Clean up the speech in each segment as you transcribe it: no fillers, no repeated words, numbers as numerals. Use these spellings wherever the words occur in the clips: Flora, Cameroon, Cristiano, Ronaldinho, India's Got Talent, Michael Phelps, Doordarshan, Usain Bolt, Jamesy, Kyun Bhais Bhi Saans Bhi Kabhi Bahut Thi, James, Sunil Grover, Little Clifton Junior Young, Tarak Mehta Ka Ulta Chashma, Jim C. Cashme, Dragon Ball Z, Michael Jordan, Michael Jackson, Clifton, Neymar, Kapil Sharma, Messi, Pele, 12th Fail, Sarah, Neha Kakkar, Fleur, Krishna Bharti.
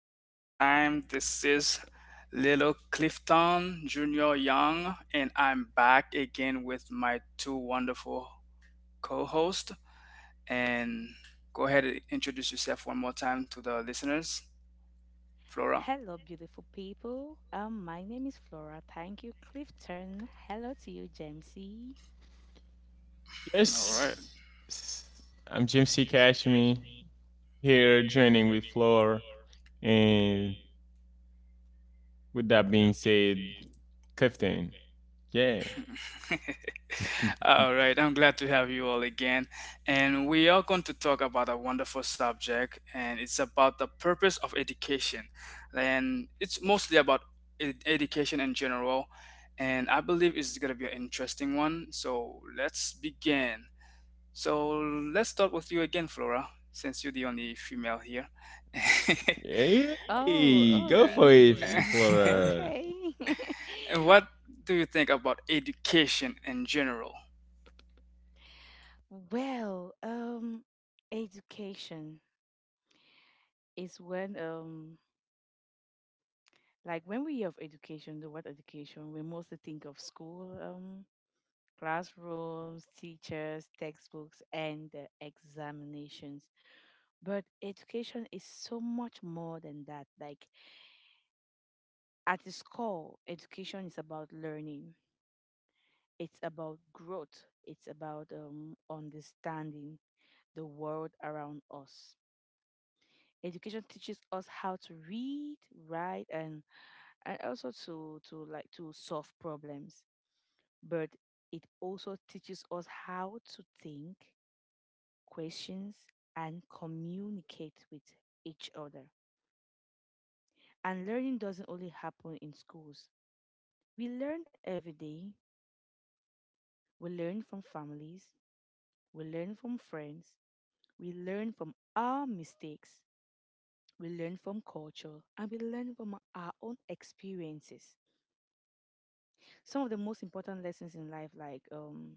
one more time. This is Little Clifton Junior Young, and I'm back again with my two wonderful co hosts. And go ahead and introduce yourself one more time to the listeners, Flora. Hello, beautiful people. My name is Flora. Thank you, Clifton. Hello to you, Jamesy. All right. Yes, I'm Jim C. Cashme here joining with Floor. And with that being said, Clifton. Yeah. All right, I'm glad to have you all again. And we are going to talk about a wonderful subject, and it's about the purpose of education. And it's mostly about education in general, and I believe it's going to be an interesting one. So let's begin. So let's start with you again, Flora, since you're the only female here. Oh, Hey, oh, go for it, really? Flora. Okay. What do you think about education in general? well, um, Education is when like when we hear of education, the word education, we mostly think of school, classrooms, teachers, textbooks, and examinations. But education is so much more than that. Like at its core, education is about learning. It's about growth. It's about understanding the world around us. Education teaches us how to read, write, and also to like to solve problems. But it also teaches us how to think, questions, and communicate with each other. And learning doesn't only happen in schools. We learn every day. We learn from families. We learn from friends. We learn from our mistakes. We learn from culture and we learn from our own experiences. Some of the most important lessons in life, like um,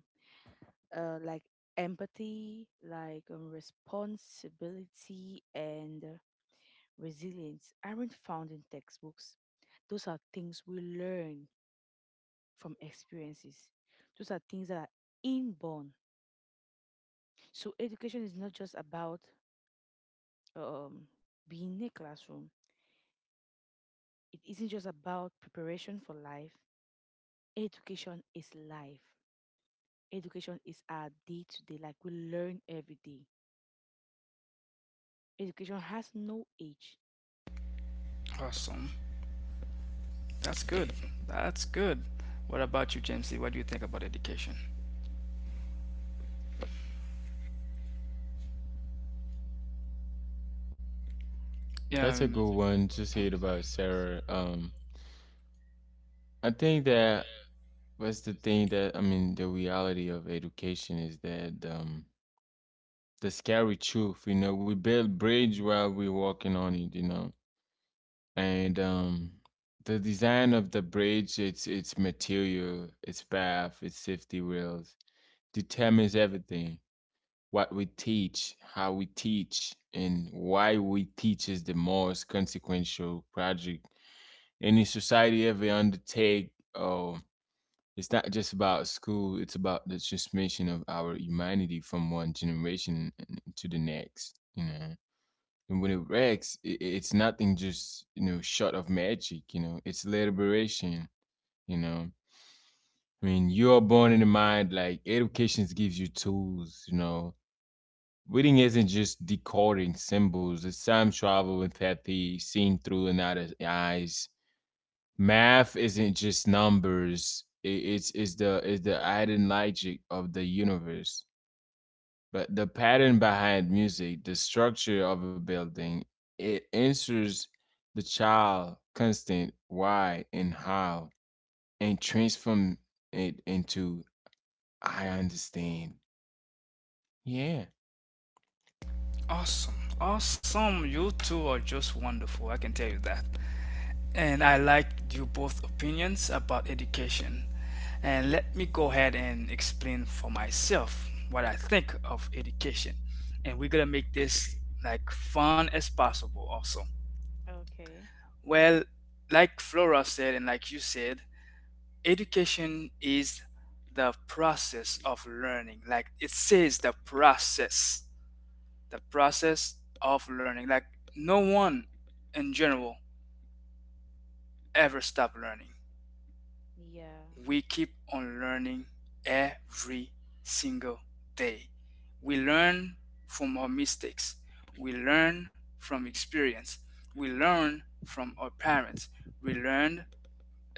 uh, like empathy, like responsibility and resilience, aren't found in textbooks. Those are things we learn from experiences. Those are things that are inborn. So education is not just about um, being in a classroom. It isn't just about preparation for life. Education is life. Education is our day to day. Like we learn every day. Education has no age. Awesome. That's good. That's good. What about you, Jamesy? What do you think about education? Yeah. That's a good one. Just okay. heard about Sarah. I think that was the thing that I mean. The reality of education is that the scary truth. You know, we build bridge while we're walking on it. You know, and The design of the bridge, its material, its path, its safety rails determines everything. What we teach, how we teach, and why we teach is the most consequential project any society ever undertake. Oh, it's not just about school, it's about the transmission of our humanity from one generation to the next, you know. And when it wrecks, it's nothing just, you know, short of magic, you know, it's liberation, you know. I mean, you are born in the mind, like, education gives you tools, you know. Reading isn't just decoding symbols, it's time travel, empathy, seeing through another's eyes. Math isn't just numbers, I it's the hidden logic of the universe. But the pattern behind music, the structure of a building, it answers the child constant why and how and transform it into I understand. Yeah. Awesome. Awesome. You two are just wonderful. I can tell you that. And I like you both opinions about education. And let me go ahead and explain for myself what I think of education. And we're going to make this like fun as possible also. Okay. Well, like Flora said and like you said, education is the process of learning, like it says, the process, the process of learning. Like no one in general ever stop learning. Yeah. We keep on learning every single day. We learn from our mistakes, we learn from experience, we learn from our parents, we learn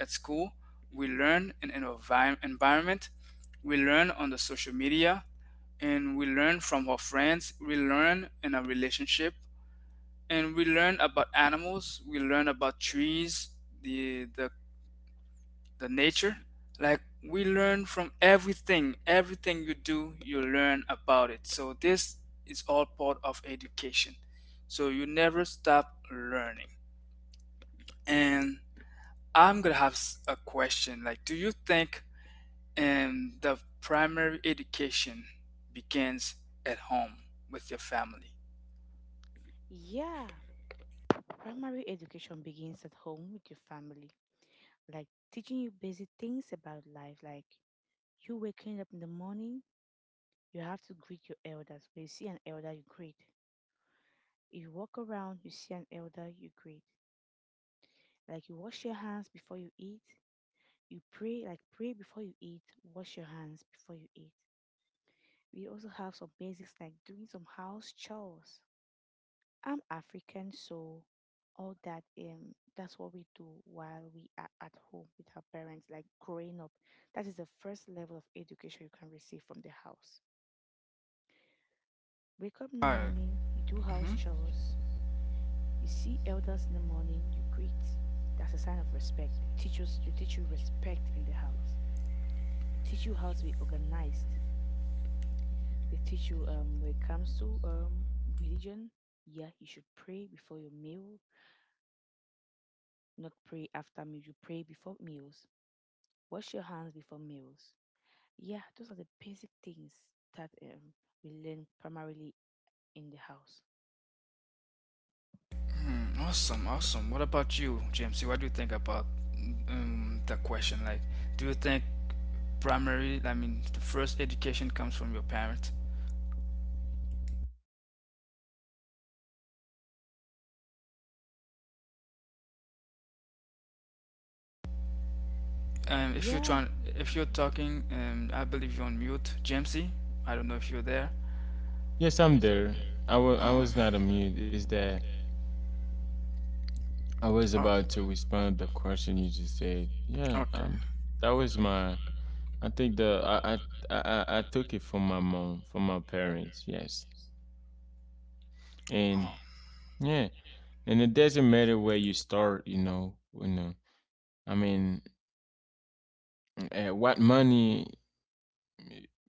at school, we learn in an environment, we learn on the social media, and we learn from our friends, we learn in a relationship, and we learn about animals, we learn about trees, the the, the nature. Like we learn from everything. Everything you do, you learn about it. So this is all part of education. So you never stop learning. And I'm gonna have a question. Like, do you think. And the primary education begins at home with your family. Yeah. Primary education begins at home with your family. Like teaching you basic things about life. Like you waking up in the morning, you have to greet your elders. When you see an elder, you greet. If you walk around, you see an elder, you greet. Like you wash your hands before you eat. You pray, like pray before you eat, wash your hands before you eat. We also have some basics like doing some house chores. I'm African, so all that that's what we do while we are at home with our parents, like growing up. That is the first level of education you can receive from the house. Wake up in the Alright. morning, you do house Mhm. chores, you see elders in the morning, you greet. That's a sign of respect. They teach you respect in the house. They teach you how to be organized. They teach you when it comes to religion, yeah, you should pray before your meal, not pray after meal. You pray before meals. Wash your hands before meals. Yeah, those are the basic things that we learn primarily in the house. Mhm. Awesome, awesome. What about you, James? What do you think about the question? Like, do you think primary, I mean, the first education comes from your parents? If you're Yeah. trying, if you're talking, I believe you're on mute, Jamesy. I don't know if you're there. Yes, I'm there. I Uh, was not on mute. Is that I was oh, about to respond the question you just said. Yeah, okay. That was my I think the I took it from my mom, from my parents, yes. And Oh. yeah. And it doesn't matter where you start, you know i mean what money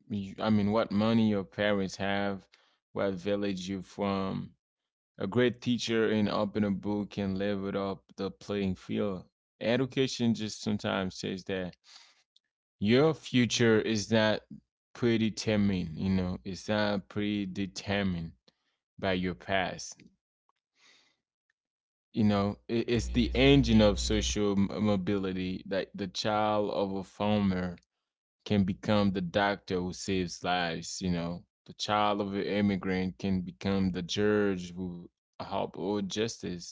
you, I mean what money your parents have, what village you from. A great teacher and open a book can level up the playing field. Education just sometimes says that your future is not predetermined, you know, it's not predetermined by your past. You know, it's the engine of social mobility that the child of a farmer can become the doctor who saves lives. You know, the child of an immigrant can become the judge who help or justice.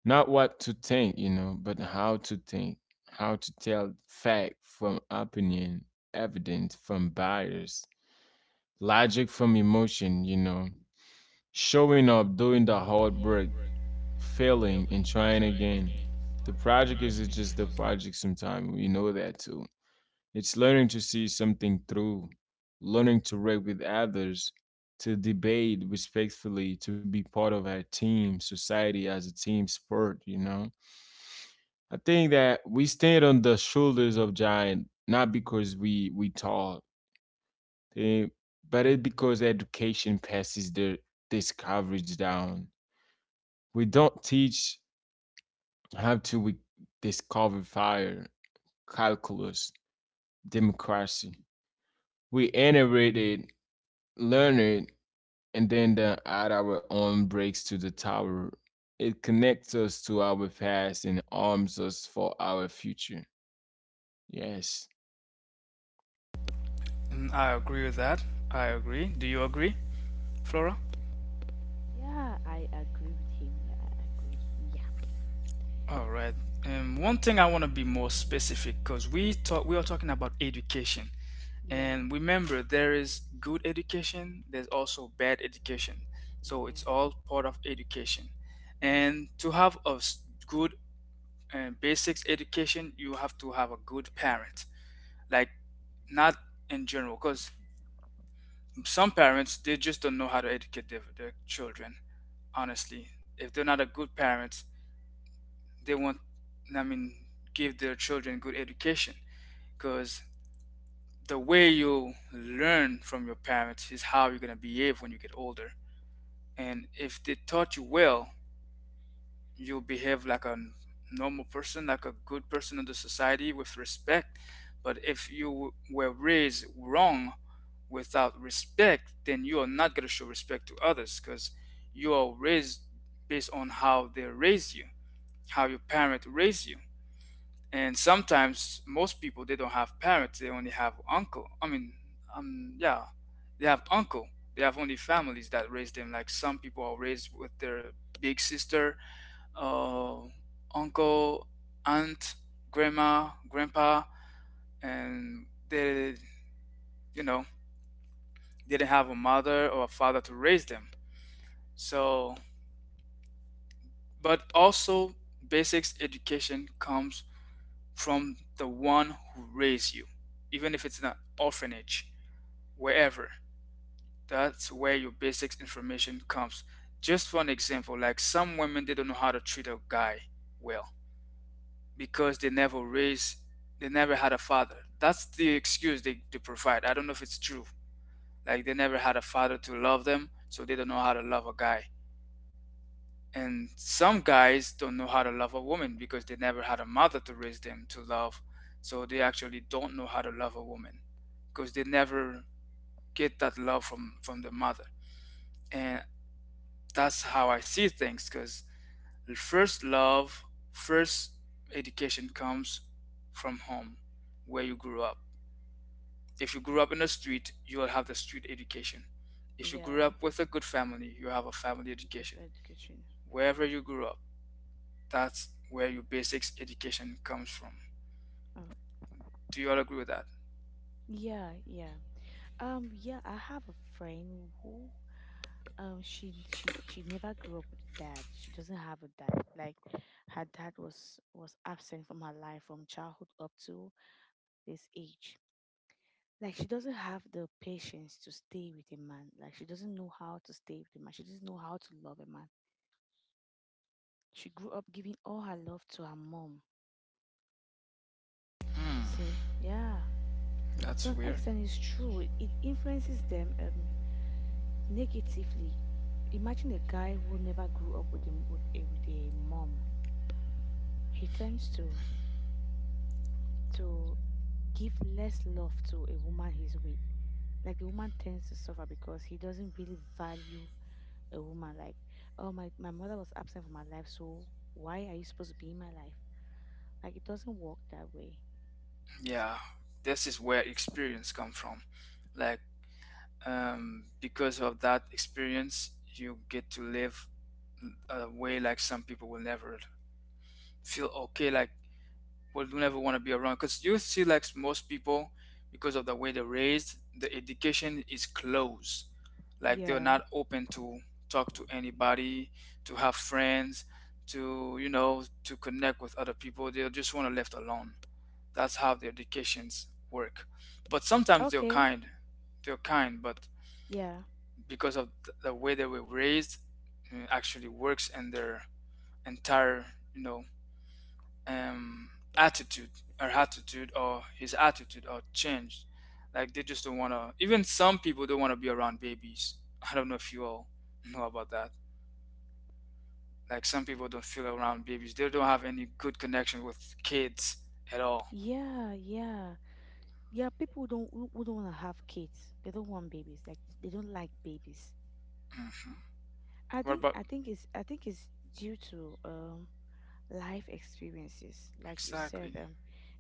Not what to think, you know, but how to think, how to tell fact from opinion, evidence from bias, logic from emotion. You know, showing up, doing the hard work, failing and trying again. The project is just the project sometimes. We know that too. It's learning to see something through, learning to work with others, to debate respectfully, to be part of our team, society as a team sport, you know? I think that we stand on the shoulders of giant, not because we tall, eh, but it's because education passes the this coverage down. We don't teach how do we discover fire, calculus, democracy? We inherited, learned, and then add our own breaks to the tower. It connects us to our past and arms us for our future. Yes. Mm, I agree with that. I agree. Do you agree, Flora? Yeah, I agree with him. Yeah, I agree. Yeah, All right. One thing I want to be more specific because we are talking about education, yeah, and remember there is good education. There's also bad education, so it's yeah, all part of education. And to have a good basics education, you have to have a good parent. Like not in general, because some parents they just don't know how to educate their children. Honestly. If they're not a good parents, they won't, I mean, give their children good education, because the way you learn from your parents is how you're going to behave when you get older. And if they taught you well, you'll behave like a normal person, like a good person in the society with respect. But if you were raised wrong without respect, then you are not going to show respect to others because you are raised based on how they raised you, how your parent raised you. And sometimes most people they don't have parents; they only have uncle. I mean, yeah, they have uncle. They have only families that raise them. Like some people are raised with their big sister, uh, uncle, aunt, grandma, grandpa, and they, you know, didn't have a mother or a father to raise them. So, but also basics education comes from the one who raised you, even if it's in an orphanage, wherever. That's where your basic information comes. Just for an example, like some women, they don't know how to treat a guy well because they never raised, they never had a father. That's the excuse they provide. I don't know if it's true. Like they never had a father to love them, so they don't know how to love a guy. And some guys don't know how to love a woman because they never had a mother to raise them to love. So they actually don't know how to love a woman because they never get that love from the mother. And that's how I see things because first love, first education comes from home, where you grew up. If you grew up in the street, you will have the street education. If you grew yeah. up with a good family, you have a family Good education. education. Wherever you grew up, that's where your basics education comes from. Oh, Do you all agree with that? yeah, yeah. Yeah. I have a friend who, she never grew up with a dad. She doesn't have a dad. Like, her dad was absent from her life from childhood up to this age. Like, she doesn't have the patience to stay with a man. Like, she doesn't know how to stay with a man. She doesn't know how to love a man. She grew up giving all her love to her mom. Hmm, See, yeah, to that's an weird. extent, it's true. It influences them negatively. Imagine a guy who never grew up with with a mom. He tends to to give less love to a woman he's with. Like the woman tends to suffer because he doesn't really value a woman. Like, oh my, my mother was absent from my life, so why are you supposed to be in my life? Like it doesn't work that way. Yeah, this is where experience comes from. Like, because of that experience, you get to live a way. Like some people will never feel okay, like will never want to be around, because youth selects most people. Because of the way they're raised, the education is closed. Like they're Yeah. not open to talk to anybody, to have friends, to, you know, to connect with other people. They just want to left alone. That's how the educations work. But sometimes they're Okay. kind, they're kind but Yeah. because of the way they were raised, actually works in their entire, you know, um attitude or attitude or his attitude or changed. Like they just don't want to, even some people don't want to be around babies. I don't know if you all know about that. Like some people don't feel around babies, they don't have any good connection with kids at all. Yeah, yeah. Yeah, people don't who don't want to have kids. They don't want babies. Like they don't like babies. Hmm. What about I think it's due to life experiences, like you said. exactly.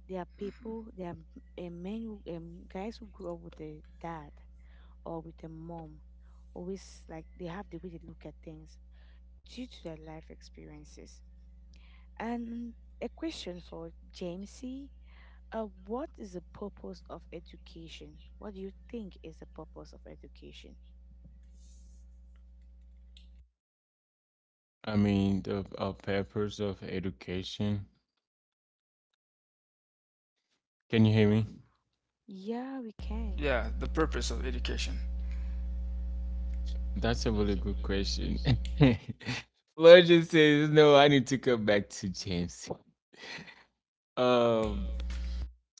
There are Hmm. people, there are men, who, guys who grew up with a dad or with a mom. Always like they have the way they look at things due to their life experiences. And a question for Jamesy: what is the purpose of education? What do you think is the purpose of education? I mean, the purpose of education. Can you hear me? Yeah, we can. Yeah, the purpose of education. That's a really good question. Fleur just says, no, I need to come back to James. Um,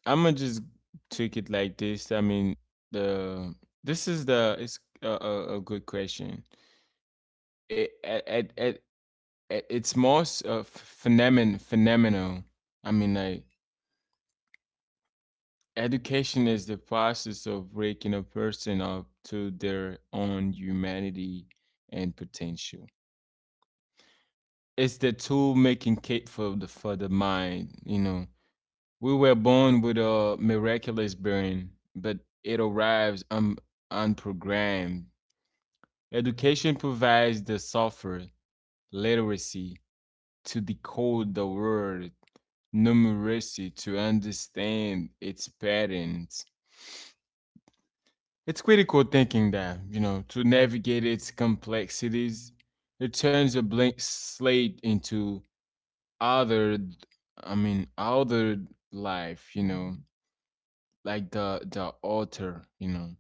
I'm gonna just take it like this. I mean, the this is the it's a good question. It at- It's more phenomenal. I mean, like, education is the process of waking a person up to their own humanity and potential. It's the tool making cape for the mind. You know, we were born with a miraculous brain, but it arrives unprogrammed. Education provides the software, literacy to decode the word, numeracy to understand its patterns. It's critical thinking that, you know, to navigate its complexities, it turns a blank slate into other. I mean, other life, you know, like the author, you know.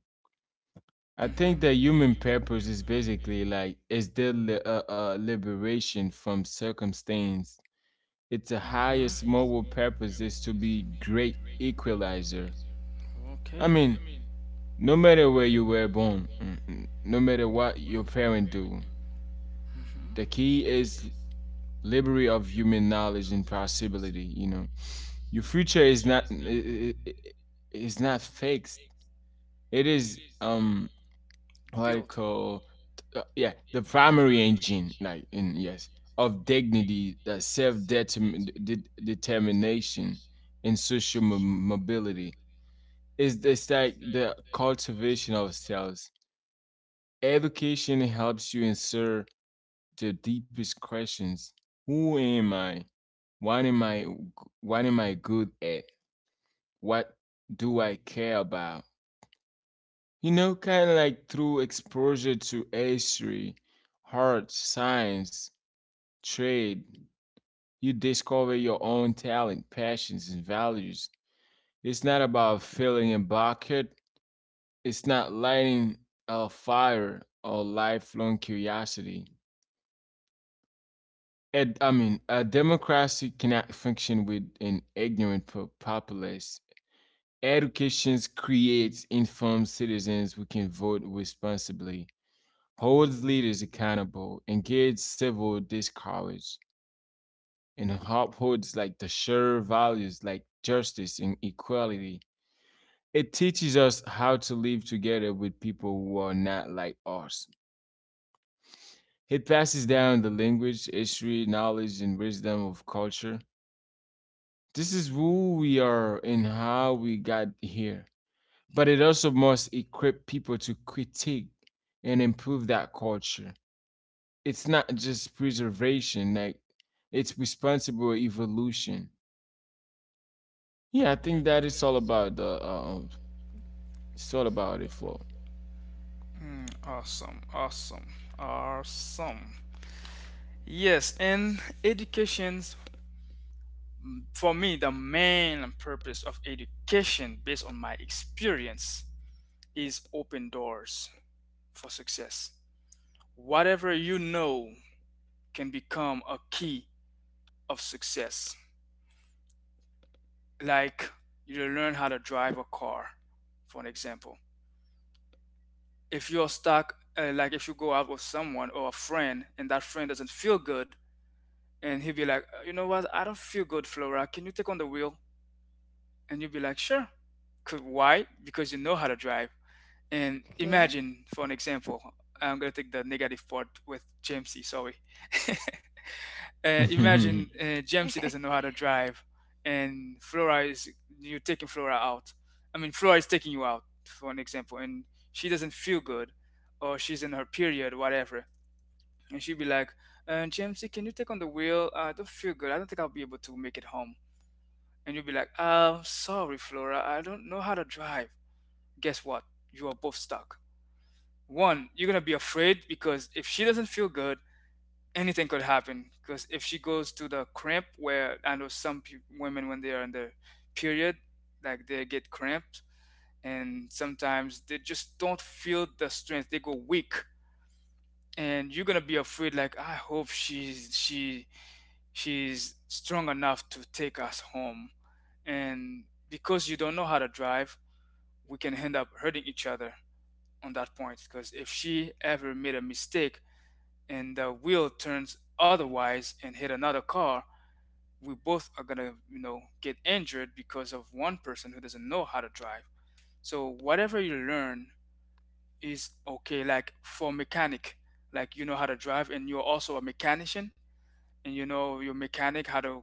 I Hmm. think the I. human Hmm. purpose is basically like is the liberation from circumstance. Its The. Hmm. highest moral purpose is to be great equalizer. I Okay. mean, no matter where you were born, no matter what your parent do, Hmm. the key is liberty of human knowledge and possibility. You know, your future is not I- I- is not fixed. It is what I Build. call yeah, the primary engine like in yes of dignity, that self-determination and social mobility is this like the cultivation of selves. Education helps you answer the deepest questions: who am I, what am I, what am I good at, what do I care about. You know, kind of like through exposure to history, art, science, trade, you discover your own talent, passions, and values. It's not about filling a bucket, it's not lighting a fire or lifelong curiosity. And, I mean, a democracy cannot function with an ignorant populace. Education creates informed citizens who can vote responsibly, holds leaders accountable, engage civil discourse, and upholds like the shared values like justice and equality. It teaches us how to live together with people who are not like us. It passes down the language, history, knowledge, and wisdom of culture. This is who we are and how we got here. But it also must equip people to critique and improve that culture. It's not just preservation, like, it's responsible evolution. Yeah, I think that it's all about the it's all about it, Flo. Mm, awesome, awesome, awesome. Yes, and education's, for me, the main purpose of education, based on my experience, is open doors for success. Whatever you know can become a key of success. Like you learn how to drive a car, for an example. If you're stuck, like if you go out with someone or a friend and that friend doesn't feel good, and he'd be like, you know what? I don't feel good, Flora. Can you take on the wheel?" And you'd be like, sure. 'Cause why? Because you know how to drive. And Okay. imagine, for an example, I'm gonna take the negative part with Jamesy. Sorry. Imagine Jamesy doesn't know how to drive, and Flora is, you're taking Flora out. I mean, Flora is taking you out, for an example, and she doesn't feel good, or she's in her period, whatever, and she'd be like, JMC, can you take on the wheel? I don't feel good. I don't think I'll be able to make it home. And you'd be like, sorry, Flora. I don't know how to drive. Guess what? You are both stuck. One, you're going to be afraid, because if she doesn't feel good, anything could happen. Because if she goes to the cramp, where I know some women, when they are in their period, like they get cramped and sometimes they just don't feel the strength. They go weak. And you're going to be afraid, like, I hope she she's strong enough to take us home. And because you don't know how to drive, we can end up hurting each other on that point. Because if she ever made a mistake and the wheel turns otherwise and hit another car, we both are gonna, you know, get injured because of one person who doesn't know how to drive. So whatever you learn is okay. Like for mechanic, like you know how to drive and you're also a mechanician and you know your mechanic how to,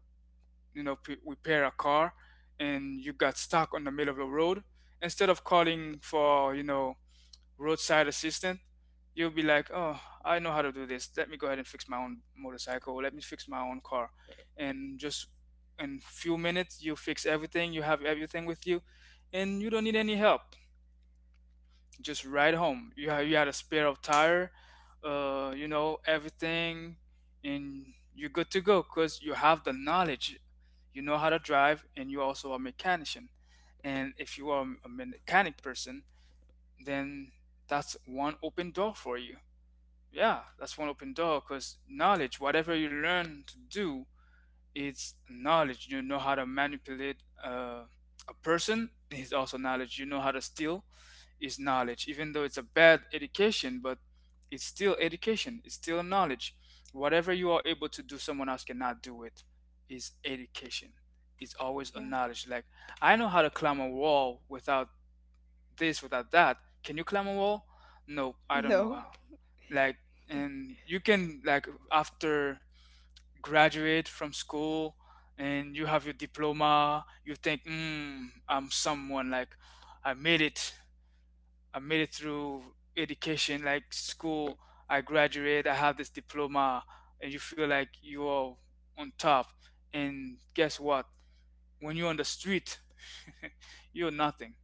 you know, repair a car and you got stuck on the middle of the road, instead of calling for, you know, roadside assistant, you'll be like, oh, I know how to do this. Let me go ahead and fix my own motorcycle. Let me fix my own car. And just in few minutes, you fix everything. You have everything with you and you don't need any help, just ride home. You have you had a spare of tire, you know everything, and you're good to go because you have the knowledge. You know how to drive, and you're also a mechanician. And if you are a mechanic person, then that's one open door for you. Yeah, that's one open door because knowledge, whatever you learn to do, it's knowledge. You know how to manipulate uh, a person is also knowledge. You know how to steal is knowledge. Even though it's a bad education, but it's still education. It's still knowledge. Whatever you are able to do, someone else cannot do it. Is education. It's always a Yeah. knowledge. Like I know how to climb a wall without this, without that. Can you climb a wall? No, I don't know No. how. Like and you can, like, after graduate from school and you have your diploma, you think, mm, I'm someone, like I made it. I made it through education, like school. I graduate, I have this diploma, and you feel like you are on top. And guess what? When you're on the street, you're nothing.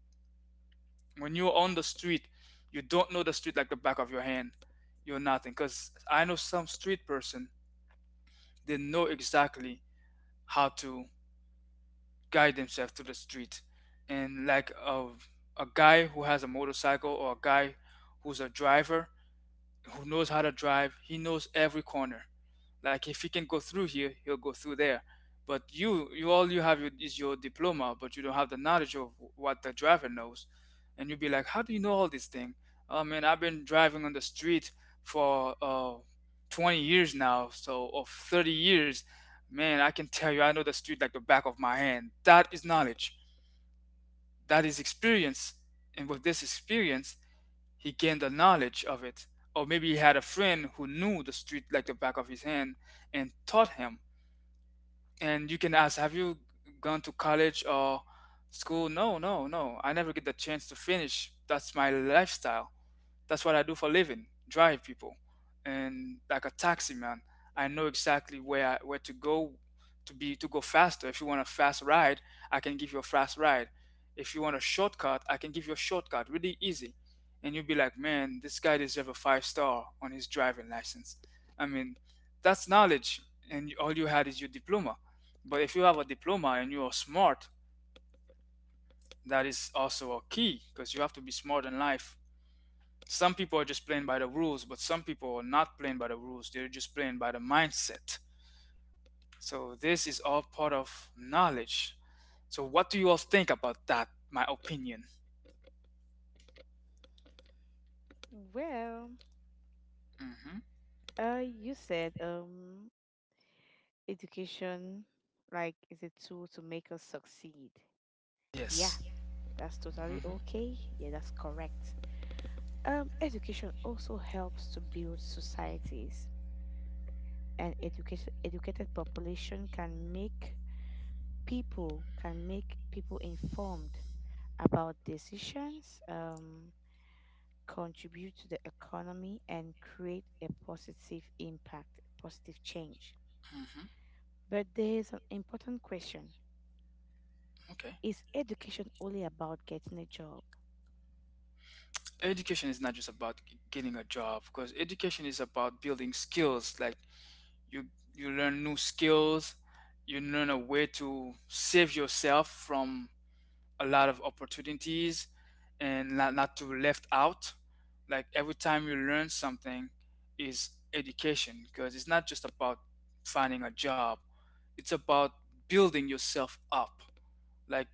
When you're on the street, you don't know the street like the back of your hand. You're nothing. Because I know some street person, they know exactly how to guide themselves through the street. And like a guy who has a motorcycle or a guy who's a driver, who knows how to drive. He knows every corner. Like if he can go through here, he'll go through there. But you all you have is your diploma, but you don't have the knowledge of what the driver knows. And you'll be like, how do you know all this thing? I mean, I've been driving on the street for 20 years now, so of 30 years, man, I can tell you, I know the street like the back of my hand. That is knowledge. That is experience. And with this experience, he gained the knowledge of it. Or maybe he had a friend who knew the street like the back of his hand and taught him. And you can ask, have you gone to college or school? No, no, no. I never get the chance to finish. That's my lifestyle. That's what I do for a living, drive people. And like a taxi man, I know exactly where to go to be to go faster. If you want a fast ride, I can give you a fast ride. If you want a shortcut, I can give you a shortcut, really easy. And you'll be like, man, this guy deserves a five star on his driving license. I mean, that's knowledge, and all you had is your diploma. But if you have a diploma and you are smart, that is also a key because you have to be smart in life. Some people are just playing by the rules, but some people are not playing by the rules. They're just playing by the mindset. So this is all part of knowledge. So what do you all think about that? My opinion. Well, Hmm. You said education, like, is a tool to make us succeed. Yeah, Yes. that's totally Hmm. okay. Yeah, that's correct. Education also helps to build societies, and educated population can make people informed about decisions. Contribute to the economy and create a positive impact, positive change. But there is an important question. Okay. Is education only about getting a job? Education is not just about getting a job, because education is about building skills. Like you, you learn new skills. You learn a way to save yourself from a lot of opportunities and not to left out, like every time you learn something is education, because it's not just about finding a job, it's about building yourself up, like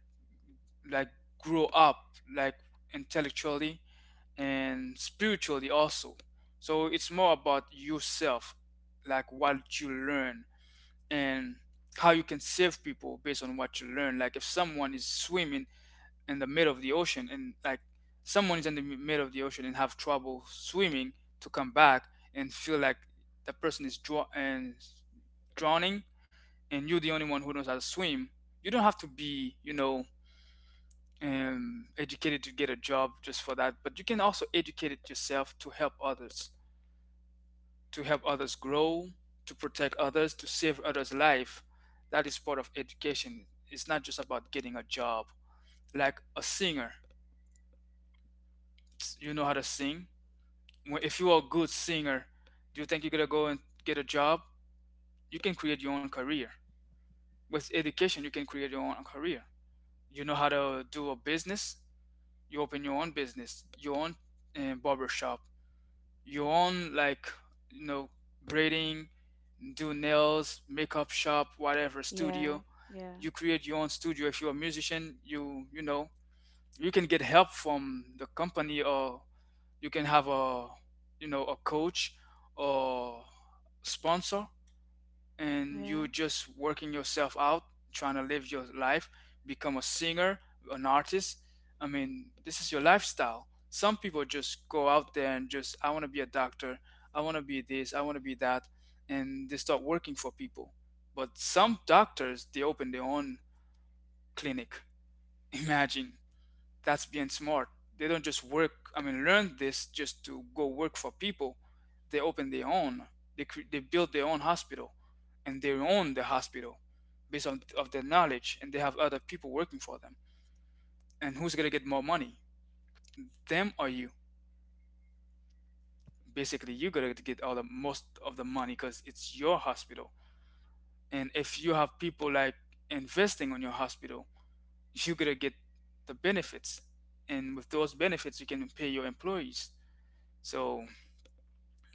like grow up, like intellectually and spiritually also. So it's more about yourself, like what you learn, and how you can save people based on what you learn. Like if someone is swimming in the middle of the ocean, and like someone is in the middle of the ocean and have trouble swimming to come back, and feel like the person is draw- and drowning, and you're the only one who knows how to swim, you don't have to be, you know, educated to get a job just for that, but you can also educate it yourself to help others, to help others grow, to protect others, to save others life. That is part of education. It's not just about getting a job. Like a singer, you know how to sing. If you are a good singer, do you think you're gonna go and get a job? You can create your own career. With education, you can create your own career. You know how to do a business. You open your own business, your own barber shop, your own, like, you know, braiding, do nails, makeup shop, whatever Yeah, studio. yeah, You create your own studio. If you're a musician, you know, you can get help from the company, or you can have a, you know, a coach or sponsor, and yeah. you just working yourself out, trying to live your life, become a singer, an artist. I mean, this is your lifestyle. Some people just go out there and just, I want to be a doctor, I want to be this, I want to be that, and they start working for people. But some doctors, they open their own clinic. Imagine. That's being smart. They don't just work. I mean, learn this just to go work for people. They open their own. They they build their own hospital, and they own the hospital based on of their knowledge. And they have other people working for them. And who's gonna get more money? Them or you? Basically, you're gonna get all the most of the money because it's your hospital. And if you have people like investing on your hospital, you're gonna get the benefits. And with those benefits, you can pay your employees. So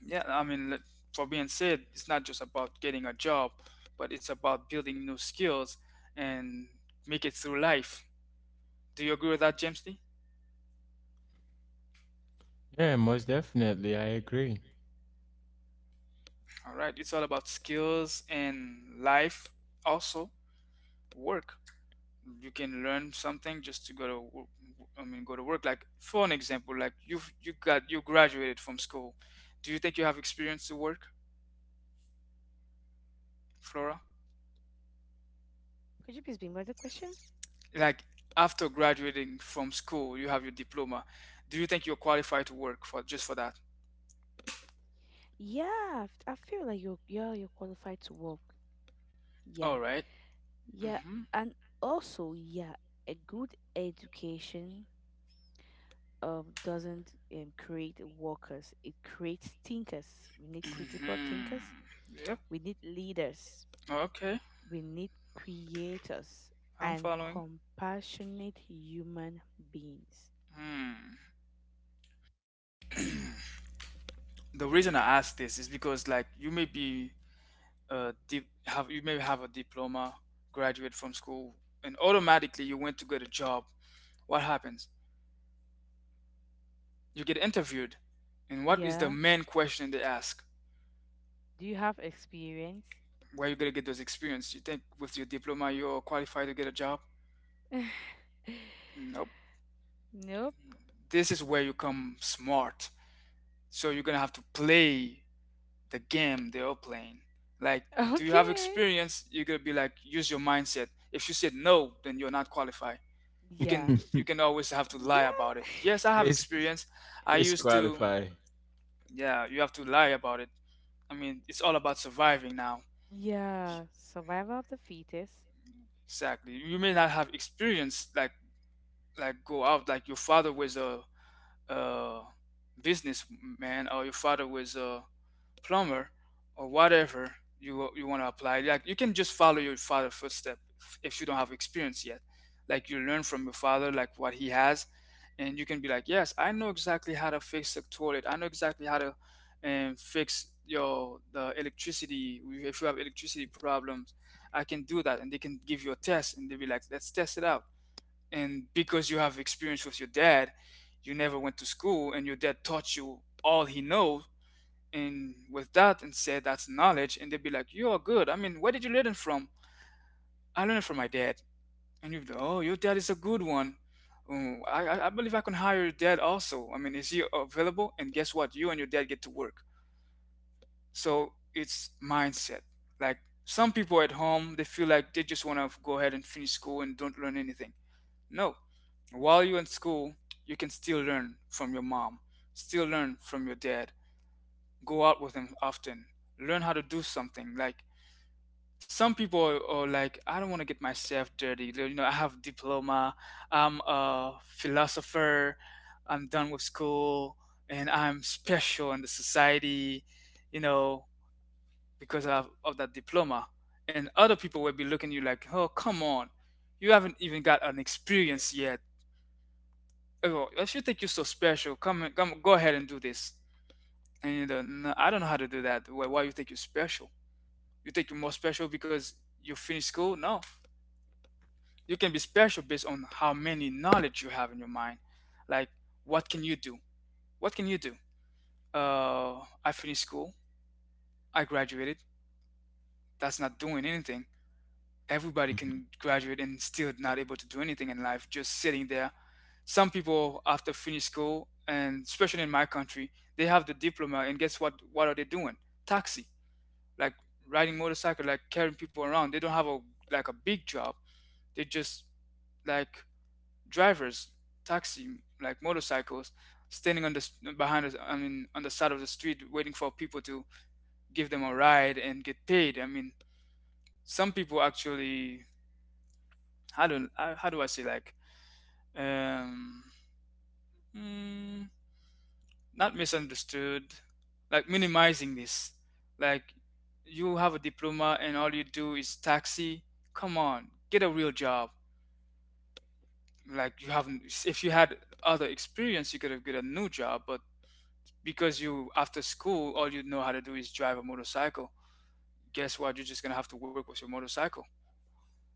yeah, I mean, like, for being said, it's not just about getting a job, but it's about building new skills and make it through life. Do you agree with that, James D? Yeah, most definitely, I agree. All right, it's all about skills and life, also work. You can learn something just to go to, I mean, go to work. Like for an example, like you got you graduated from school. Do you think you have experience to work, Flora? Could you please be more the question? Like after graduating from school, you have your diploma. Do you think you're qualified to work for just for that? I feel like you're yeah, you're qualified to work. All Yeah. right. Yeah. Mm-hmm. And also, yeah, a good education doesn't create workers. It creates thinkers. We need critical thinkers. Mm-hmm. Yep. We need leaders. Okay. We need creators I'm and following. compassionate human beings. Hmm. The reason I ask this is because, like, you may be have, you may have a diploma, graduate from school, and automatically you went to get a job. What happens? You get interviewed, and what is the Yeah. main question they ask? Do you have experience? Where you gonna get those experience? You think with your diploma you're qualified to get a job? Nope. Nope. This is where you come smart. So you're gonna have to play the game they are playing. Like, do you have Okay. experience? You're gonna be like, use your mindset. If she said no, then you're not qualified. You Yeah. can always have to Yeah. lie about it. Yes, I have Dis experience. I used to. disqualify. Yeah, you have to lie about it. I mean, it's all about surviving now. Yeah. Survival of the fetus. Exactly. You may not have experience, like, go out, like your father was a businessman, or your father was a plumber, or whatever you want to apply. Like you can just follow your father's footstep, if you don't have experience yet, like you learn from your father, like what he has, and you can be like, yes, I know exactly how to fix the toilet, I know exactly how to fix your the electricity if you have electricity problems, I can do that. And they can give you a test, and they'll be like, let's test it out. And because you have experience with your dad, you never went to school, and your dad taught you all he knows, and with that, and said, that's knowledge. And they'd be like, you're good. I mean, where did you learn it from? I learned it from my dad. And you'd be like, oh, your dad is a good one. Oh, I believe I can hire your dad also. I mean, is he available? And guess what? You and your dad get to work. So it's mindset. Like some people at home, they feel like they just want to go ahead and finish school and don't learn anything. No, while you're in school, you can still learn from your mom, still learn from your dad, go out with them often. Learn how to do something. Like some people are like, I don't want to get myself dirty. You know, I have diploma. I'm a philosopher. I'm done with school, and I'm special in the society. You know, because of that diploma. And other people will be looking at you like, oh, come on. You haven't even got an experience yet. Oh, if you think you're so special, come, come, go ahead and do this. And you know, no, I don't know how to do that. Why you think you're special? You think you're more special because you finish school? No. You can be special based on how many knowledge you have in your mind. Like, what can you do? What can you do? I finished school. I graduated. That's not doing anything. Everybody Mhm. can graduate and still not able to do anything in life, just sitting there. Some people after finish school, and especially in my country, they have the diploma, and guess what? What are they doing? Taxi, like riding motorcycle, like carrying people around. They don't have a like a big job. They just, like, drivers, taxi, like motorcycles, standing on the behind us. I mean, on the side of the street, waiting for people to give them a ride and get paid. I mean, some people actually. How do I say um mm, not misunderstood, like minimizing this, like you have a diploma and all you do is taxi. Come on, get a real job. Like you haven't, if you had other experience you could have got a new job, but because you, after school, all you know how to do is drive a motorcycle. Guess what? You're just gonna have to work with your motorcycle,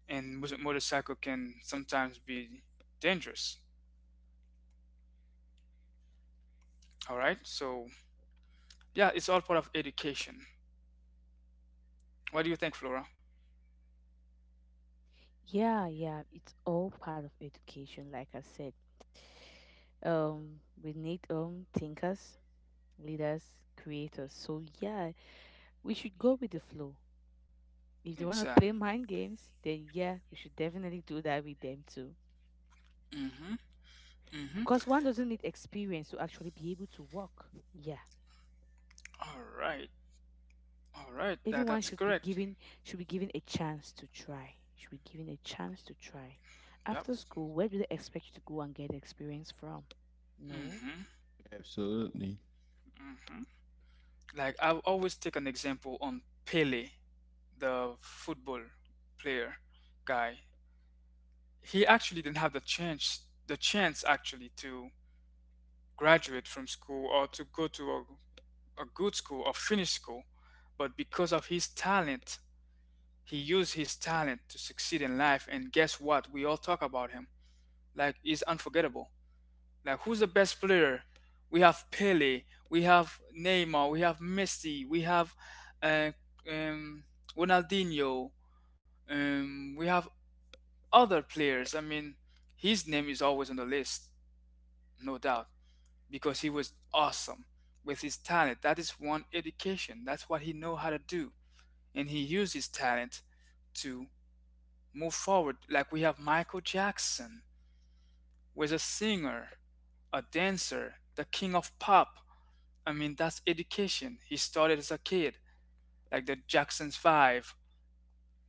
and motorcycle can sometimes be dangerous. All right, so yeah, it's all part of education. What do you think, Flora? Yeah, yeah. It's all part of education, like I said. We need thinkers, leaders, creators. So yeah, we should go with the flow. If they want to play Exactly. mind games, then yeah, we should definitely do that with them too. Mm-hmm. Mm-hmm. Because one doesn't need experience to actually be able to walk. Yeah. All right. All right, that, Everyone that's should be correct. given a chance to try, should be given a chance to try. Yep. After school, where do they expect you to go and get experience from? No. Mm-hmm. Absolutely. Mm-hmm. Like I always take an example on Pele, the football player guy. He actually didn't have the chance actually to graduate from school or to go to a good school or finish school. But because of his talent, he used his talent to succeed in life. And guess what? We all talk about him. Like he's unforgettable. Like who's the best player? We have Pele, we have Neymar, we have Messi, we have uh, um, Ronaldinho, we have other players. I mean, his name is always on the list, no doubt, because he was awesome with his talent. That is one education. That's what he know how to do, and he used his talent to move forward. Like we have Michael Jackson, was a singer, a dancer, the king of pop. I mean, that's education. He started as a kid, like the Jackson's Five.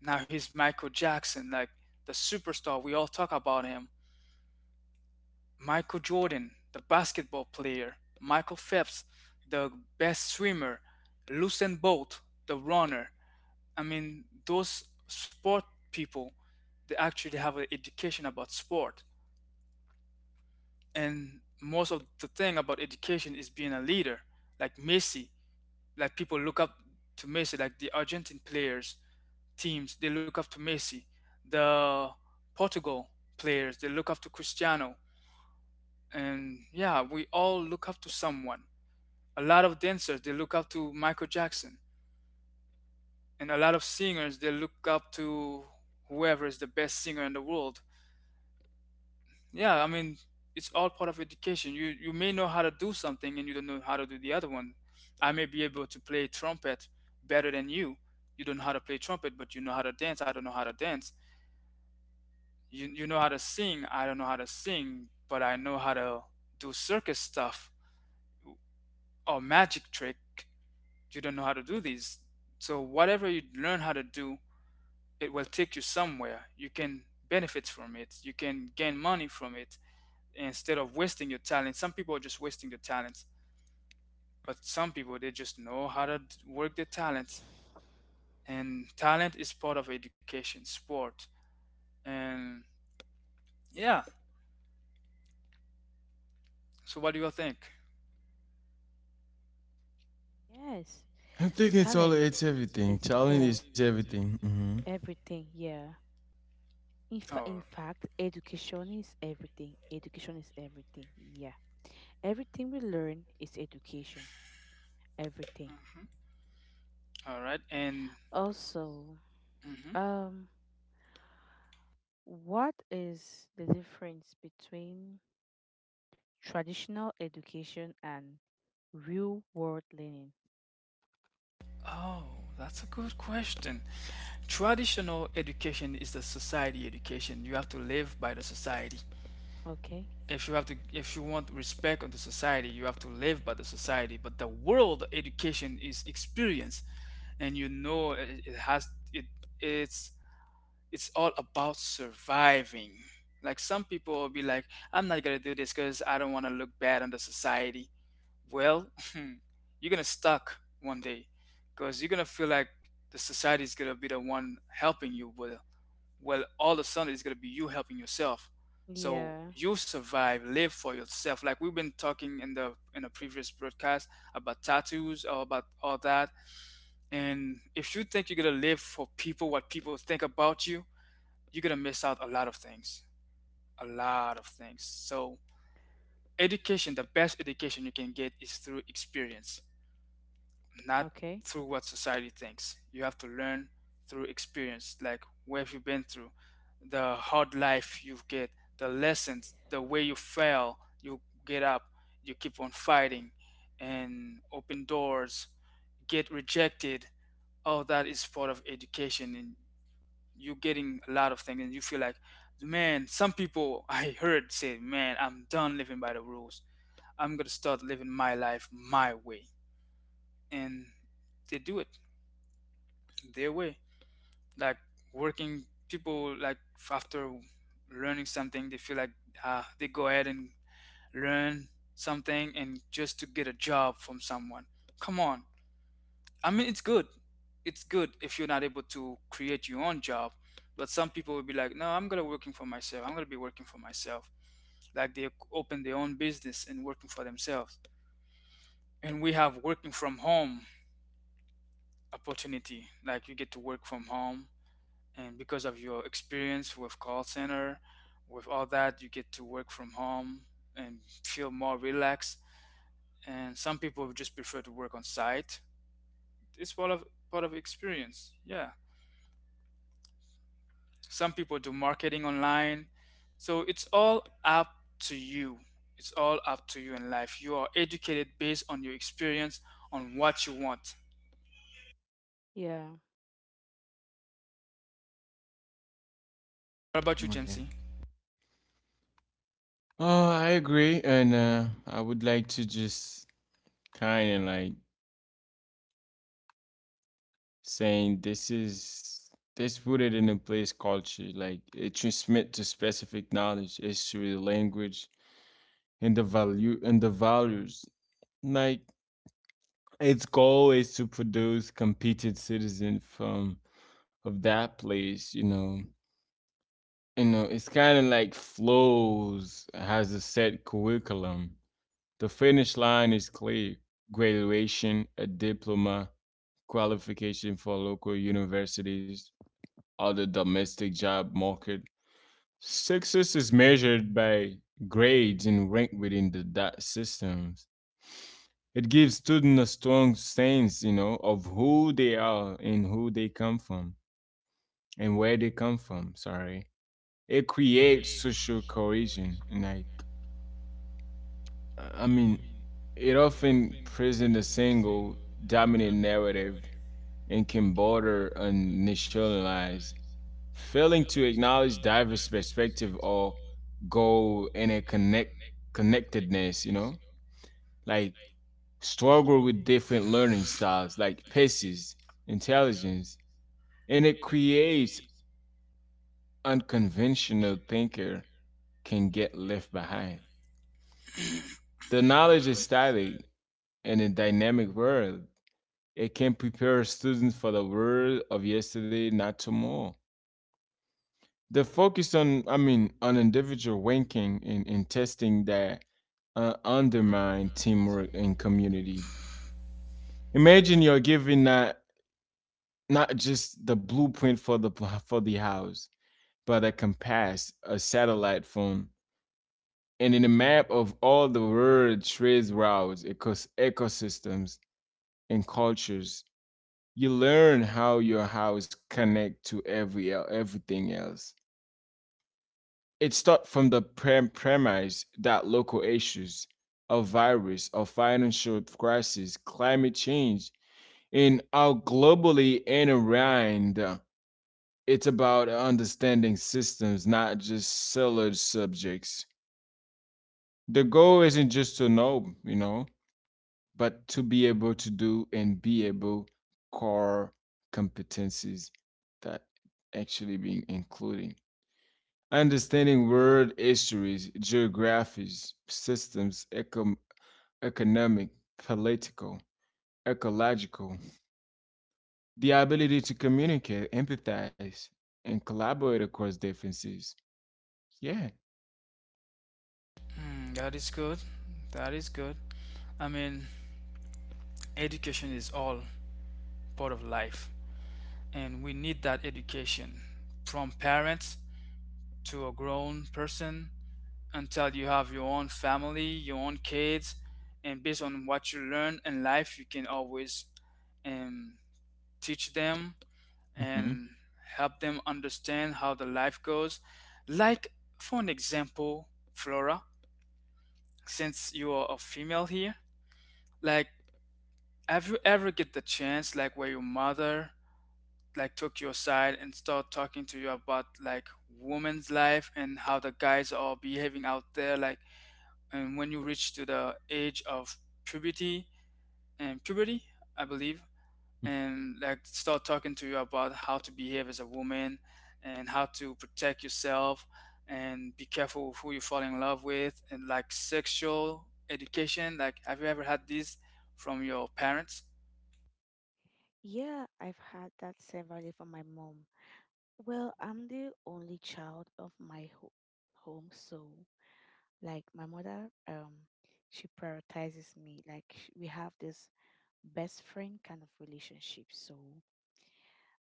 Now he's Michael Jackson, like the superstar. We all talk about him. Michael Jordan, the basketball player, Michael Phelps, the best swimmer, Usain Bolt, the runner. I mean, those sport people, they actually have an education about sport. And most of the thing about education is being a leader, like Messi. Like people look up to Messi, like the Argentine players, teams, they look up to Messi. The Portugal players, they look up to Cristiano. And yeah, we all look up to someone. A lot of dancers, they look up to Michael Jackson, and a lot of singers they look up to whoever is the best singer in the world. Yeah, I mean, it's all part of education. You may know how to do something and you don't know how to do the other one. I may be able to play trumpet better than you. You don't know how to play trumpet, but you know how to dance. I don't know how to dance. You know how to sing. I don't know how to sing, but I know how to do circus stuff or magic trick. You don't know how to do these. So whatever you learn how to do, it will take you somewhere. You can benefit from it. You can gain money from it instead of wasting your talent. Some people are just wasting their talents, but some people they just know how to work their talents. And talent is part of education, sport, and yeah. So what do you think? Yes. I think it's all Talent it's everything. is, Talent yeah, is everything. Hmm. everything, yeah. Oh, In fact, education is everything, yeah. Everything we learn is education. Everything. all right. And Also, mhm. um what is the difference between traditional education and real world learning? Oh, that's a good question. Traditional education is the society education. You have to live by the society. Okay. If you have to, if you want respect on the society, you have to live by the society, but the world education is experience. And you know, it has it, it's it's all about surviving. Like some people will be like, I'm not gonna do this because I don't want to look bad on the society. Well, you're gonna stuck one day because you're gonna feel like the society is gonna be the one helping you. But well, all of a sudden it's going to be you helping yourself. So Yeah. you survive, live for yourself, like we've been talking in the previous broadcast about tattoos or about all that. And if you think you're going to live for people, what people think about you, you're going to miss out a lot of things, a lot of things. So education, the best education you can get is through experience, not Okay. through what society thinks. You have to learn through experience, like what have you been through, the hard life you get, the lessons, the way you fail, you get up, you keep on fighting, and open doors, get rejected. All that is part of education, and you're getting a lot of things, and you feel like, man, some people I heard say, man, I'm done living by the rules. I'm gonna start living my life my way, and they do it their way. Like working people, like after learning something, they feel like they go ahead and learn something and just to get a job from someone. Come on. I mean, it's good. It's good if you're not able to create your own job. But some people will be like, no, I'm gonna working for myself. I'm gonna be working for myself. Like they open their own business and working for themselves. And we have working from home opportunity. Like you get to work from home, and because of your experience with call center, with all that, you get to work from home and feel more relaxed. And some people just prefer to work on site. It's part of experience, yeah. Some people do marketing online, so it's all up to you. It's all up to you. In life you are educated based on your experience, on what you want. Yeah. What about you, Oh, yeah. Jamesy? Oh, I agree, and I would like to just kind of like saying this is this rooted in a place culture. Like it transmit to specific knowledge, history, language, and the values. Like its goal is to produce competent citizens from of that place. You know, it's kind of like flows has a set curriculum. The finish line is clear: graduation, a diploma, qualification for local universities, or the domestic job market. Success is measured by grades and rank within the dot systems. It gives students a strong sense, you know, of who they are and who they come from and where they come from. Sorry, it creates social cohesion and like, I mean, it often presents a single dominant narrative and can border on nationalize. Failing to acknowledge diverse perspective or go in a connect connectedness, you know, like struggle with different learning styles, like paces, intelligence, and it creates unconventional thinker can get left behind. The knowledge is static in a dynamic world. It can prepare students for the world of yesterday, not tomorrow. The focus on, I mean, on individual ranking and testing that undermine teamwork and community. Imagine you're giving not not just the blueprint for the for the house, but a compass, a satellite phone, and in a map of all the world trade routes, ecosystems, and cultures. You learn how your house connect to every everything else. It starts from the premise that local issues, a virus, a financial crisis, climate change, and are globally intertwined. It's about understanding systems, not just siloed subjects. The goal isn't just to know, you know, but to be able to do and be able core competencies that actually being including understanding world histories, geographies, systems, economic, political, ecological, the ability to communicate, empathize, and collaborate across differences. Yeah. Hmm, that is good. That is good. I mean, education is all part of life, and we need that education from parents to a grown person, until you have your own family, your own kids, and based on what you learn in life, you can always um, teach them Hmm, and help them understand how the life goes. Like, for an example, Flora, since you are a female here, like, have you ever get the chance, like, where your mother like took your side and start talking to you about like women's life and how the guys are behaving out there, like, and when you reach to the age of puberty and puberty, I believe, and like start talking to you about how to behave as a woman and how to protect yourself and be careful with who you fall in love with, and like sexual education, like have you ever had this from your parents? Yeah, I've had that severely from my mom. Well, I'm the only child of my home, so like my mother, she prioritizes me. We have this best friend kind of relationship. So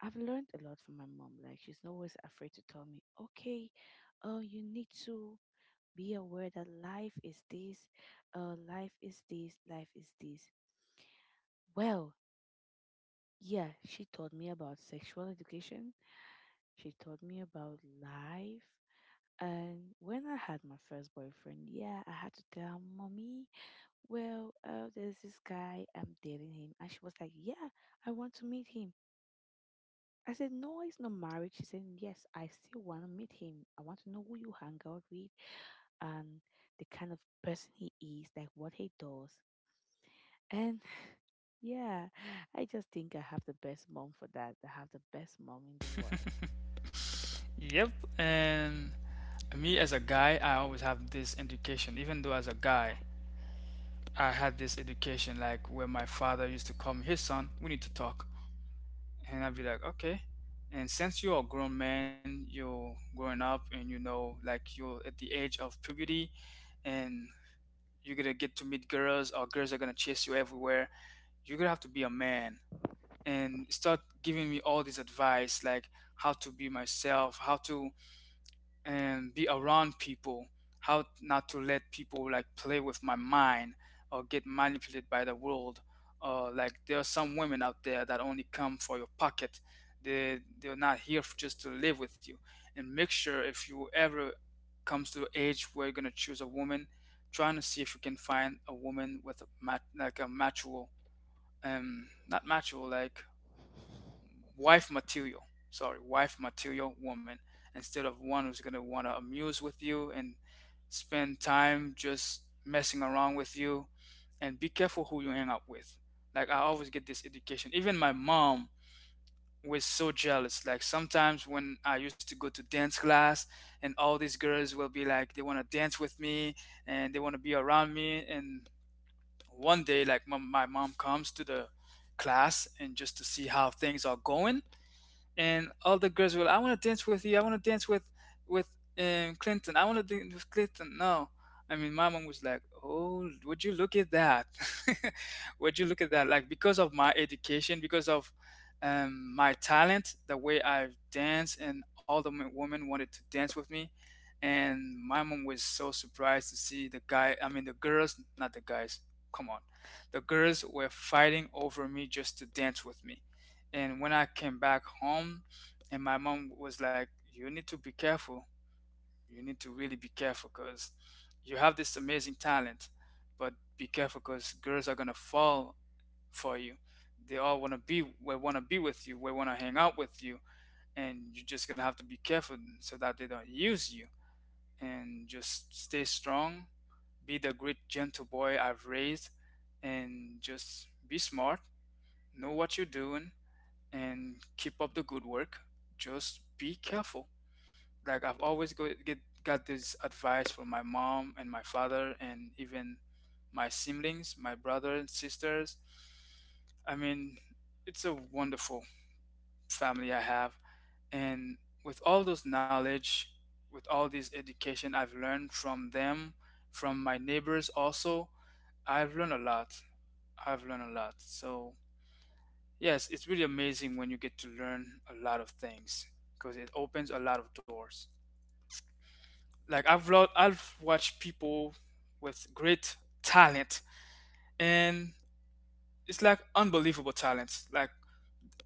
I've learned a lot from my mom. Like she's not always afraid to tell me, okay, oh, you need to be aware that life is this, life is this, life is this. Well, yeah, she taught me about sexual education. She taught me about life. And when I had my first boyfriend, yeah, I had to tell him, mommy, well, there's this guy, I'm dating him. And she was like, yeah, I want to meet him. I said, no, it's not marriage. She said, yes, I still want to meet him. I want to know who you hang out with and the kind of person he is, like what he does. And yeah, I just think I have the best mom for that. I have the best mom in the world. Yep, and me as a guy, I always have this education. Even though as a guy, Right. I had this education like where my father used to call me, "Hey son, we need to talk," and I'd be like, "Okay." And since you're a grown man, you're growing up, and you know, like you're at the age of puberty, and you're gonna get to meet girls, or girls are gonna chase you everywhere. You're gonna have to be a man, and start giving me all this advice, like how to be myself, how to and be around people, how not to let people like play with my mind or get manipulated by the world. Or like there are some women out there that only come for your pocket. They're not here just to live with you. And make sure if you ever comes to the age where you're gonna choose a woman, trying to see if you can find a woman with a like a mutual not mutual, like wife material. Sorry, wife material woman instead of one who's gonna wanna amuse with you and spend time just messing around with you. And be careful who you hang up with. Like I always get this education. Even my mom was so jealous. Like sometimes when I used to go to dance class and all these girls will be like they wanna dance with me and they wanna be around me. And one day like my mom comes to the class and just to see how things are going, and all the girls will, I want to dance with you, I want to dance with Clinton, I want to dance with Clinton. No, I mean my mom was like, oh, would you look at that. Would you look at that. Like because of my education, because of my talent, the way I dance, and all the women wanted to dance with me, and my mom was so surprised to see the guy, I mean the girls, not the guys, come on, the girls were fighting over me just to dance with me. And when I came back home, and my mom was like, "You need to be careful. You need to really be careful because you have this amazing talent, but be careful because girls are gonna fall for you. They all wanna be, we wanna be with you. We wanna hang out with you, and you're just gonna have to be careful so that they don't use you. And just stay strong. Be the great gentle boy I've raised, and just be smart. Know what you're doing." and keep up the good work. Just be careful. Like I've always go, get got this advice from my mom and my father and even my siblings, my brother and sisters. I mean, it's a wonderful family I have. And with all those knowledge, with all this education I've learned from them, from my neighbors also, I've learned a lot. I've learned a lot. So, yes, it's really amazing when you get to learn a lot of things because it opens a lot of doors. Like I've watched people with great talent, and it's like unbelievable talent. Like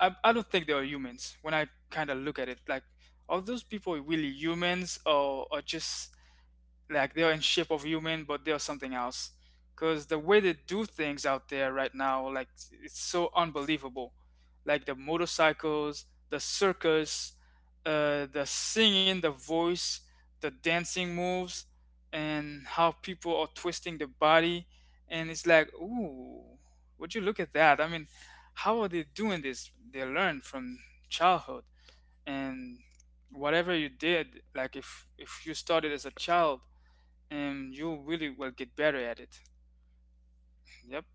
I don't think they are humans when I kind of look at it. Like are those people really humans or just, like they're in shape of human but they're something else, because the way they do things out there right now, like, it's so unbelievable, like the motorcycles, the circus, the singing, the voice, the dancing moves, and how people are twisting the body. And it's like, ooh, would you look at that? I mean, how are they doing this? They learn from childhood. And whatever you did, like if you started as a child, and you really will get better at it. Yep,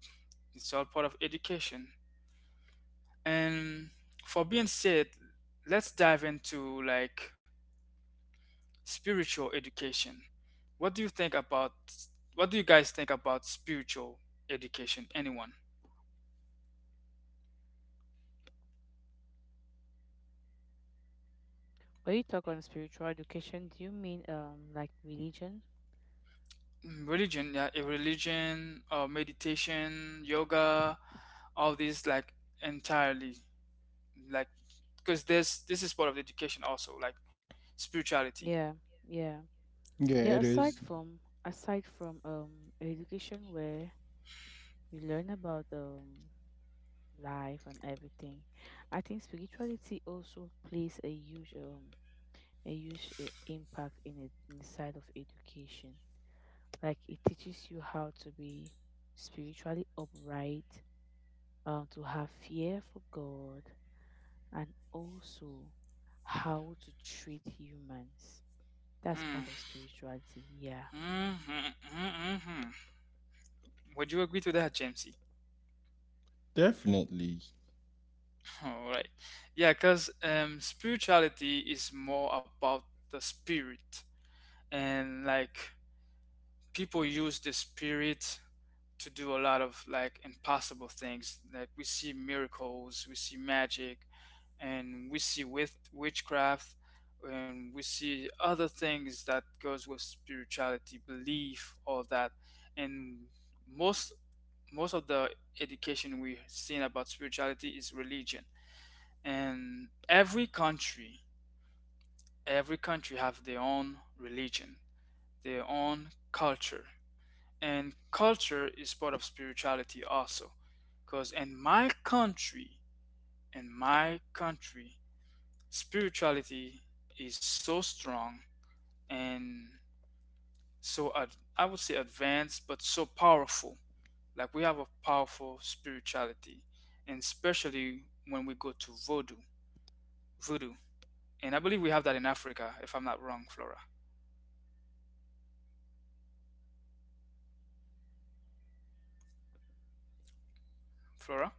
it's all part of education. And for being said, let's dive into like spiritual education. What do you think about what do you guys think about spiritual education? Anyone? When you talk on spiritual education, do you mean like religion? Mm, religion, yeah, a religion or meditation, yoga, all these, like, entirely, like, because this is part of the education also, like spirituality. Yeah, yeah. yeah, it Yeah, is. Aside from education where you learn about life and everything, I think spirituality also plays a huge impact in it in the side of education. Like it teaches you how to be spiritually upright, to have fear for God, and also how to treat humans. That's Mm. part of spirituality. Yeah. Mhm, mhm, mhm. Would you agree to that, Jamesy? Definitely. All right. Yeah, because spirituality is more about the spirit, and like people use the spirit to do a lot of like impossible things. Like we see miracles, we see magic, and we see with witchcraft, and we see other things that goes with spirituality, belief, all that. And most most of the education we've seen about spirituality is religion. And every country have their own religion, their own culture. And culture is part of spirituality also, because in my country, spirituality is so strong. And I would say advanced, but so powerful. Like we have a powerful spirituality, and especially when we go to voodoo. And I believe we have that in Africa, if I'm not wrong, Flora. Flora.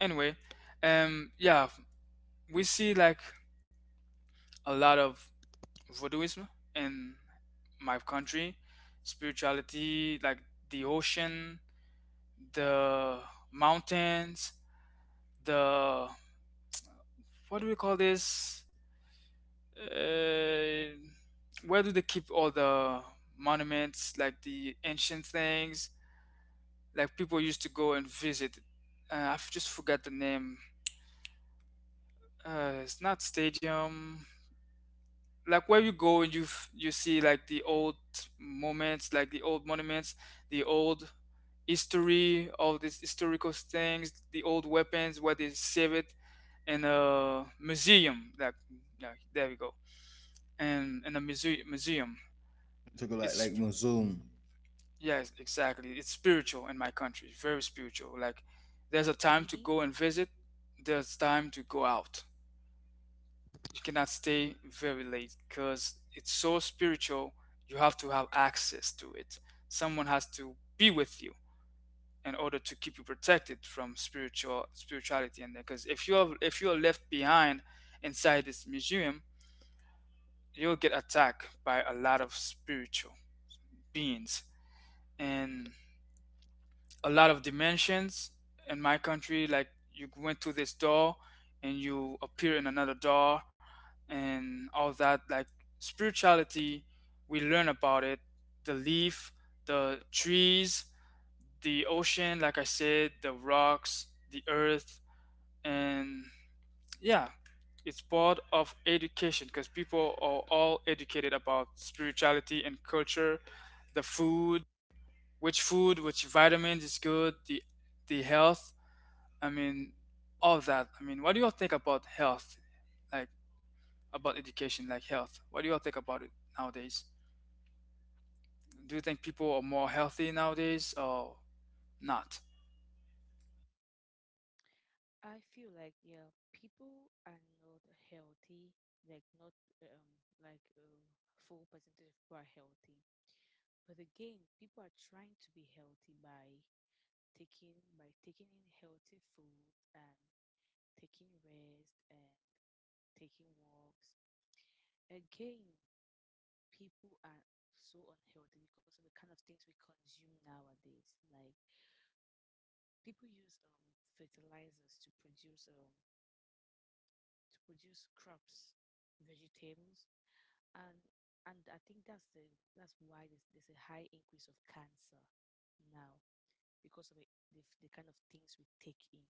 Anyway, yeah, we see like a lot of voodooism in my country. Spirituality, like the ocean, the mountains, the, what do we call this? Uh, where do they keep all the monuments, like the ancient things, like people used to go and visit? I've just forgot the name. It's not stadium. Like where you go and you see like the old moments, like the old monuments, the old history, all these historical things, the old weapons, where they save it in a museum, like, yeah, there we go. And in a museum, I took a lot it's, like Muslim. yes, exactly, it's spiritual, in my country. Very spiritual. Like there's a Yo, time to Hidi? go and visit, there's time to go out. You cannot stay very late because it's so spiritual. You have to have access to it. Someone has to be with you in order to keep you protected from spiritual spirituality in there, because if you're left behind inside this museum, you'll get attacked by a lot of spiritual beings and a lot of dimensions, in my country. Like you went through this door and you appear in another door, and all that. Like spirituality, we learn about it. The leaf, the trees, the ocean, like I said, the rocks, the earth, and yeah, it's part of education, because people are all educated about spirituality and culture, the food, which vitamins is good, the health. I mean, all that. I mean, what do you all think about health? Like about education, like health. What do you all think about it nowadays? Do you think people are more healthy nowadays or not? I feel like yeah, people are not healthy, like not like a full percentage of people are healthy. But again, people are trying to be healthy by taking in healthy foods and taking rest and taking walks. Again, people are so unhealthy because of the kind of things we consume nowadays. Like people use fertilizers to produce crops, vegetables, and I think that's the that's why there's a high increase of cancer now because of it, the the kind of things we take in.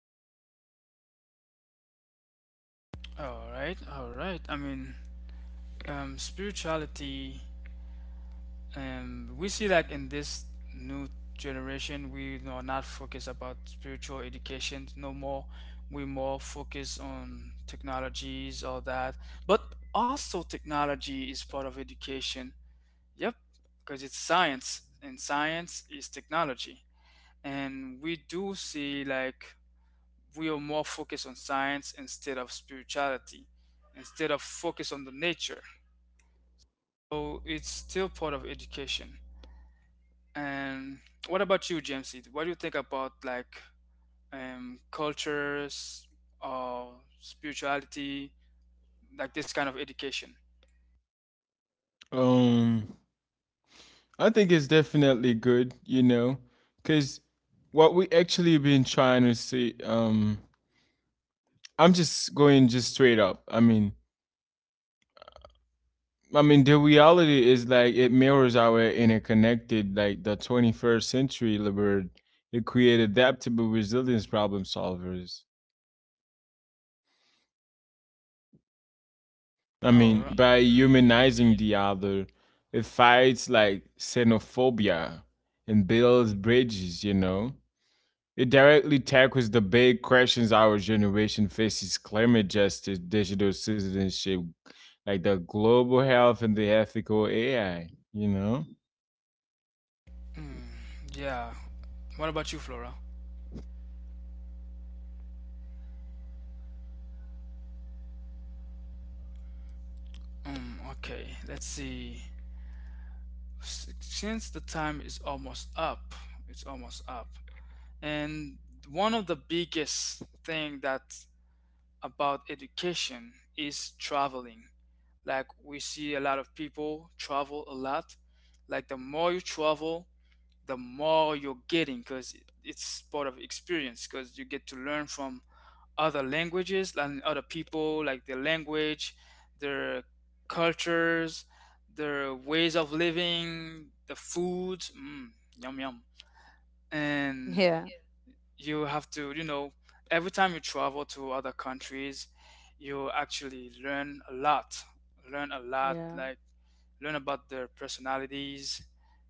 All right, all right. I mean, spirituality. We see like in this new generation we are not focused about spiritual education no more. We more focus on technologies, all that. But also technology is part of education, yep. Because it's science, and science is technology. And we do see like we are more focused on science instead of spirituality, instead of focus on the nature. So it's still part of education. And what about you, Jamesy? What do you think about, like, cultures or spirituality, like this kind of education? um I think it's definitely good, you know, because what we actually been trying to see. Um, I'm just going just straight up. I mean, the reality is like it mirrors our interconnected, like the 21st century liberal, it create adaptable resilience problem solvers. I Oh, mean, by humanizing the other, it fights like xenophobia and builds bridges, you know. It directly tackles the big questions our generation faces: climate justice, digital citizenship, like the global health and the ethical AI, you know? mm, yeah. What about you, Flora? Mm, okay, let's see. Since the time is almost up, it's almost up, and one of the biggest thing that, about education, is traveling. Like we see a lot of people travel a lot. Like the more you travel, the more you're getting, because it's part of experience, because you get to learn from other languages and other people, like their language, their cultures, their ways of living, the food. Mm, yum yum. And Yeah. you have to, every time you travel to other countries you actually learn a lot, learn a lot, Yeah. like learn about their personalities,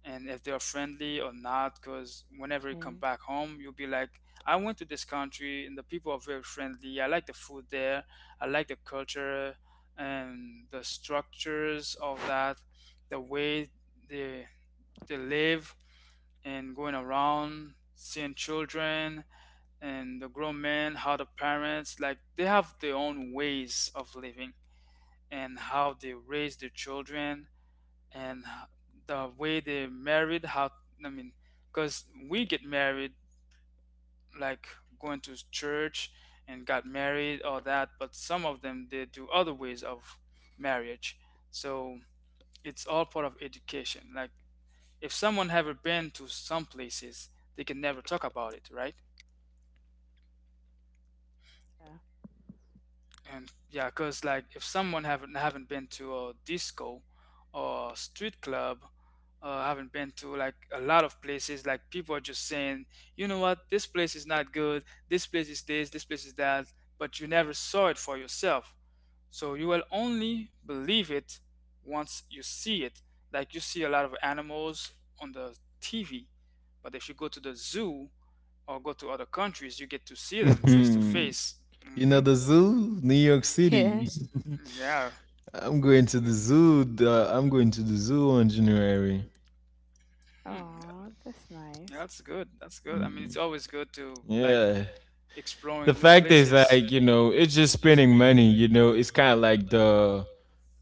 and if they're friendly or not, because whenever you come Okay. back home you'll be like, I went to this country and the people are very friendly, I like the food there, I like the culture, and the structures of that, the way they they live, and going around seeing children, and the grown men, how the parents, like they have their own ways of living, and how they raise their children, and h- the way they married. How, I mean, because we get married like going to church and got married or that, but some of them they do other ways of marriage. So it's all part of education. Like if someone haven't been to some places, they can never talk about it, right? Yeah. And yeah, because like if someone haven't been to a disco or street club, haven't been to like a lot of places, like people are just saying, you know what, this place is not good, this place is this, this place is that, but you never saw it for yourself, so you will only believe it once you see it. Like you see a lot of animals on the TV, but if you go to the zoo or go to other countries you get to see them face to face. You know, Hmm. the zoo, New York City. Yeah. Yeah. I'm going to the zoo. I'm going to the zoo on January. Hmm. Oh, that's Yeah, nice. that's good. That's good. I mean, it's Mm, always good to like yeah. The exploring new fact is, places. like, you know, it's just spending money, you know, it's kind of like the.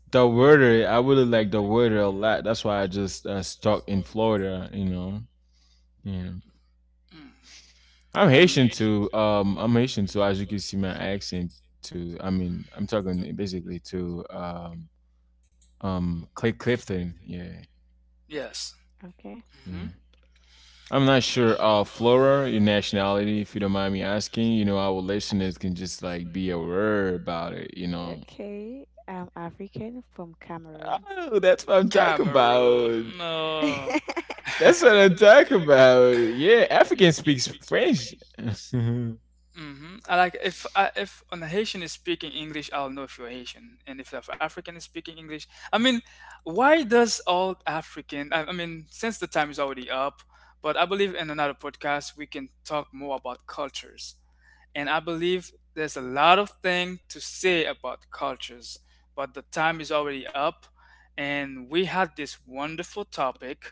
The weather, I really like the weather a lot. That's why I just stuck in Florida. You know, yeah. Mm. I'm the And Haitian too. I'm Haitian too. As you can see, my accent too. I mean, I'm talking basically to Clay Clifton. Yeah, yes. Okay. Hmm. yeah. Oh, that's I'm not sure. Flora, your nationality, if you don't mind me asking. You know, our listeners can just like be aware about it. You know. Okay. I'm African from Cameroon. Oh, that's what I'm talking about. Cameroon. No. That's That's what I'm talking about. Yeah, African speaks French. Mm-hmm. I like, if if an Haitian is speaking English, I'll know if you're Haitian, and if South African is speaking English, I mean, why does all African? I mean, since the time is already up, but I believe in another podcast we can talk more about cultures, and I believe there's a lot of thing to say about cultures, but the time is already up, and we had this wonderful topic,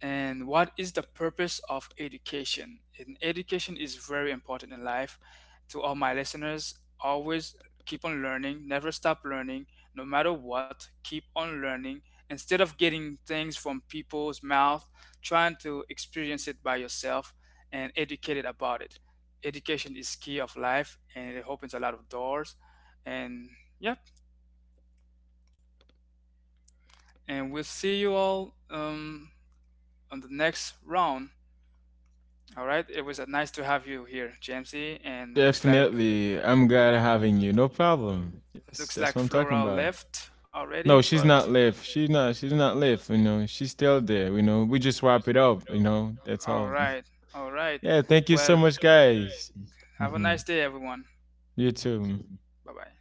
and what is the purpose of education? And education is very important in life. To all my listeners, always keep on learning, never stop learning, no matter what, keep on learning. Instead of getting things from people's mouth, trying to experience it by yourself and educated about it. Education is key of life and it opens a lot of doors. And yep, and we'll see you all on the next round. All right. It was nice to have you here, Jamesy. And looks like Definitely. I'm glad having you. No problem. Yes, looks that's like what I'm talking Flora about. left already. No, No, she's but not left. She's not left, you know. She's still there, you know. We just wrap it up, you know. not. That's All all. right, all right. Yeah, Not. Thank you Well, so much, guys. have a Hmm. nice day, everyone. You too. Hmm. Bye bye.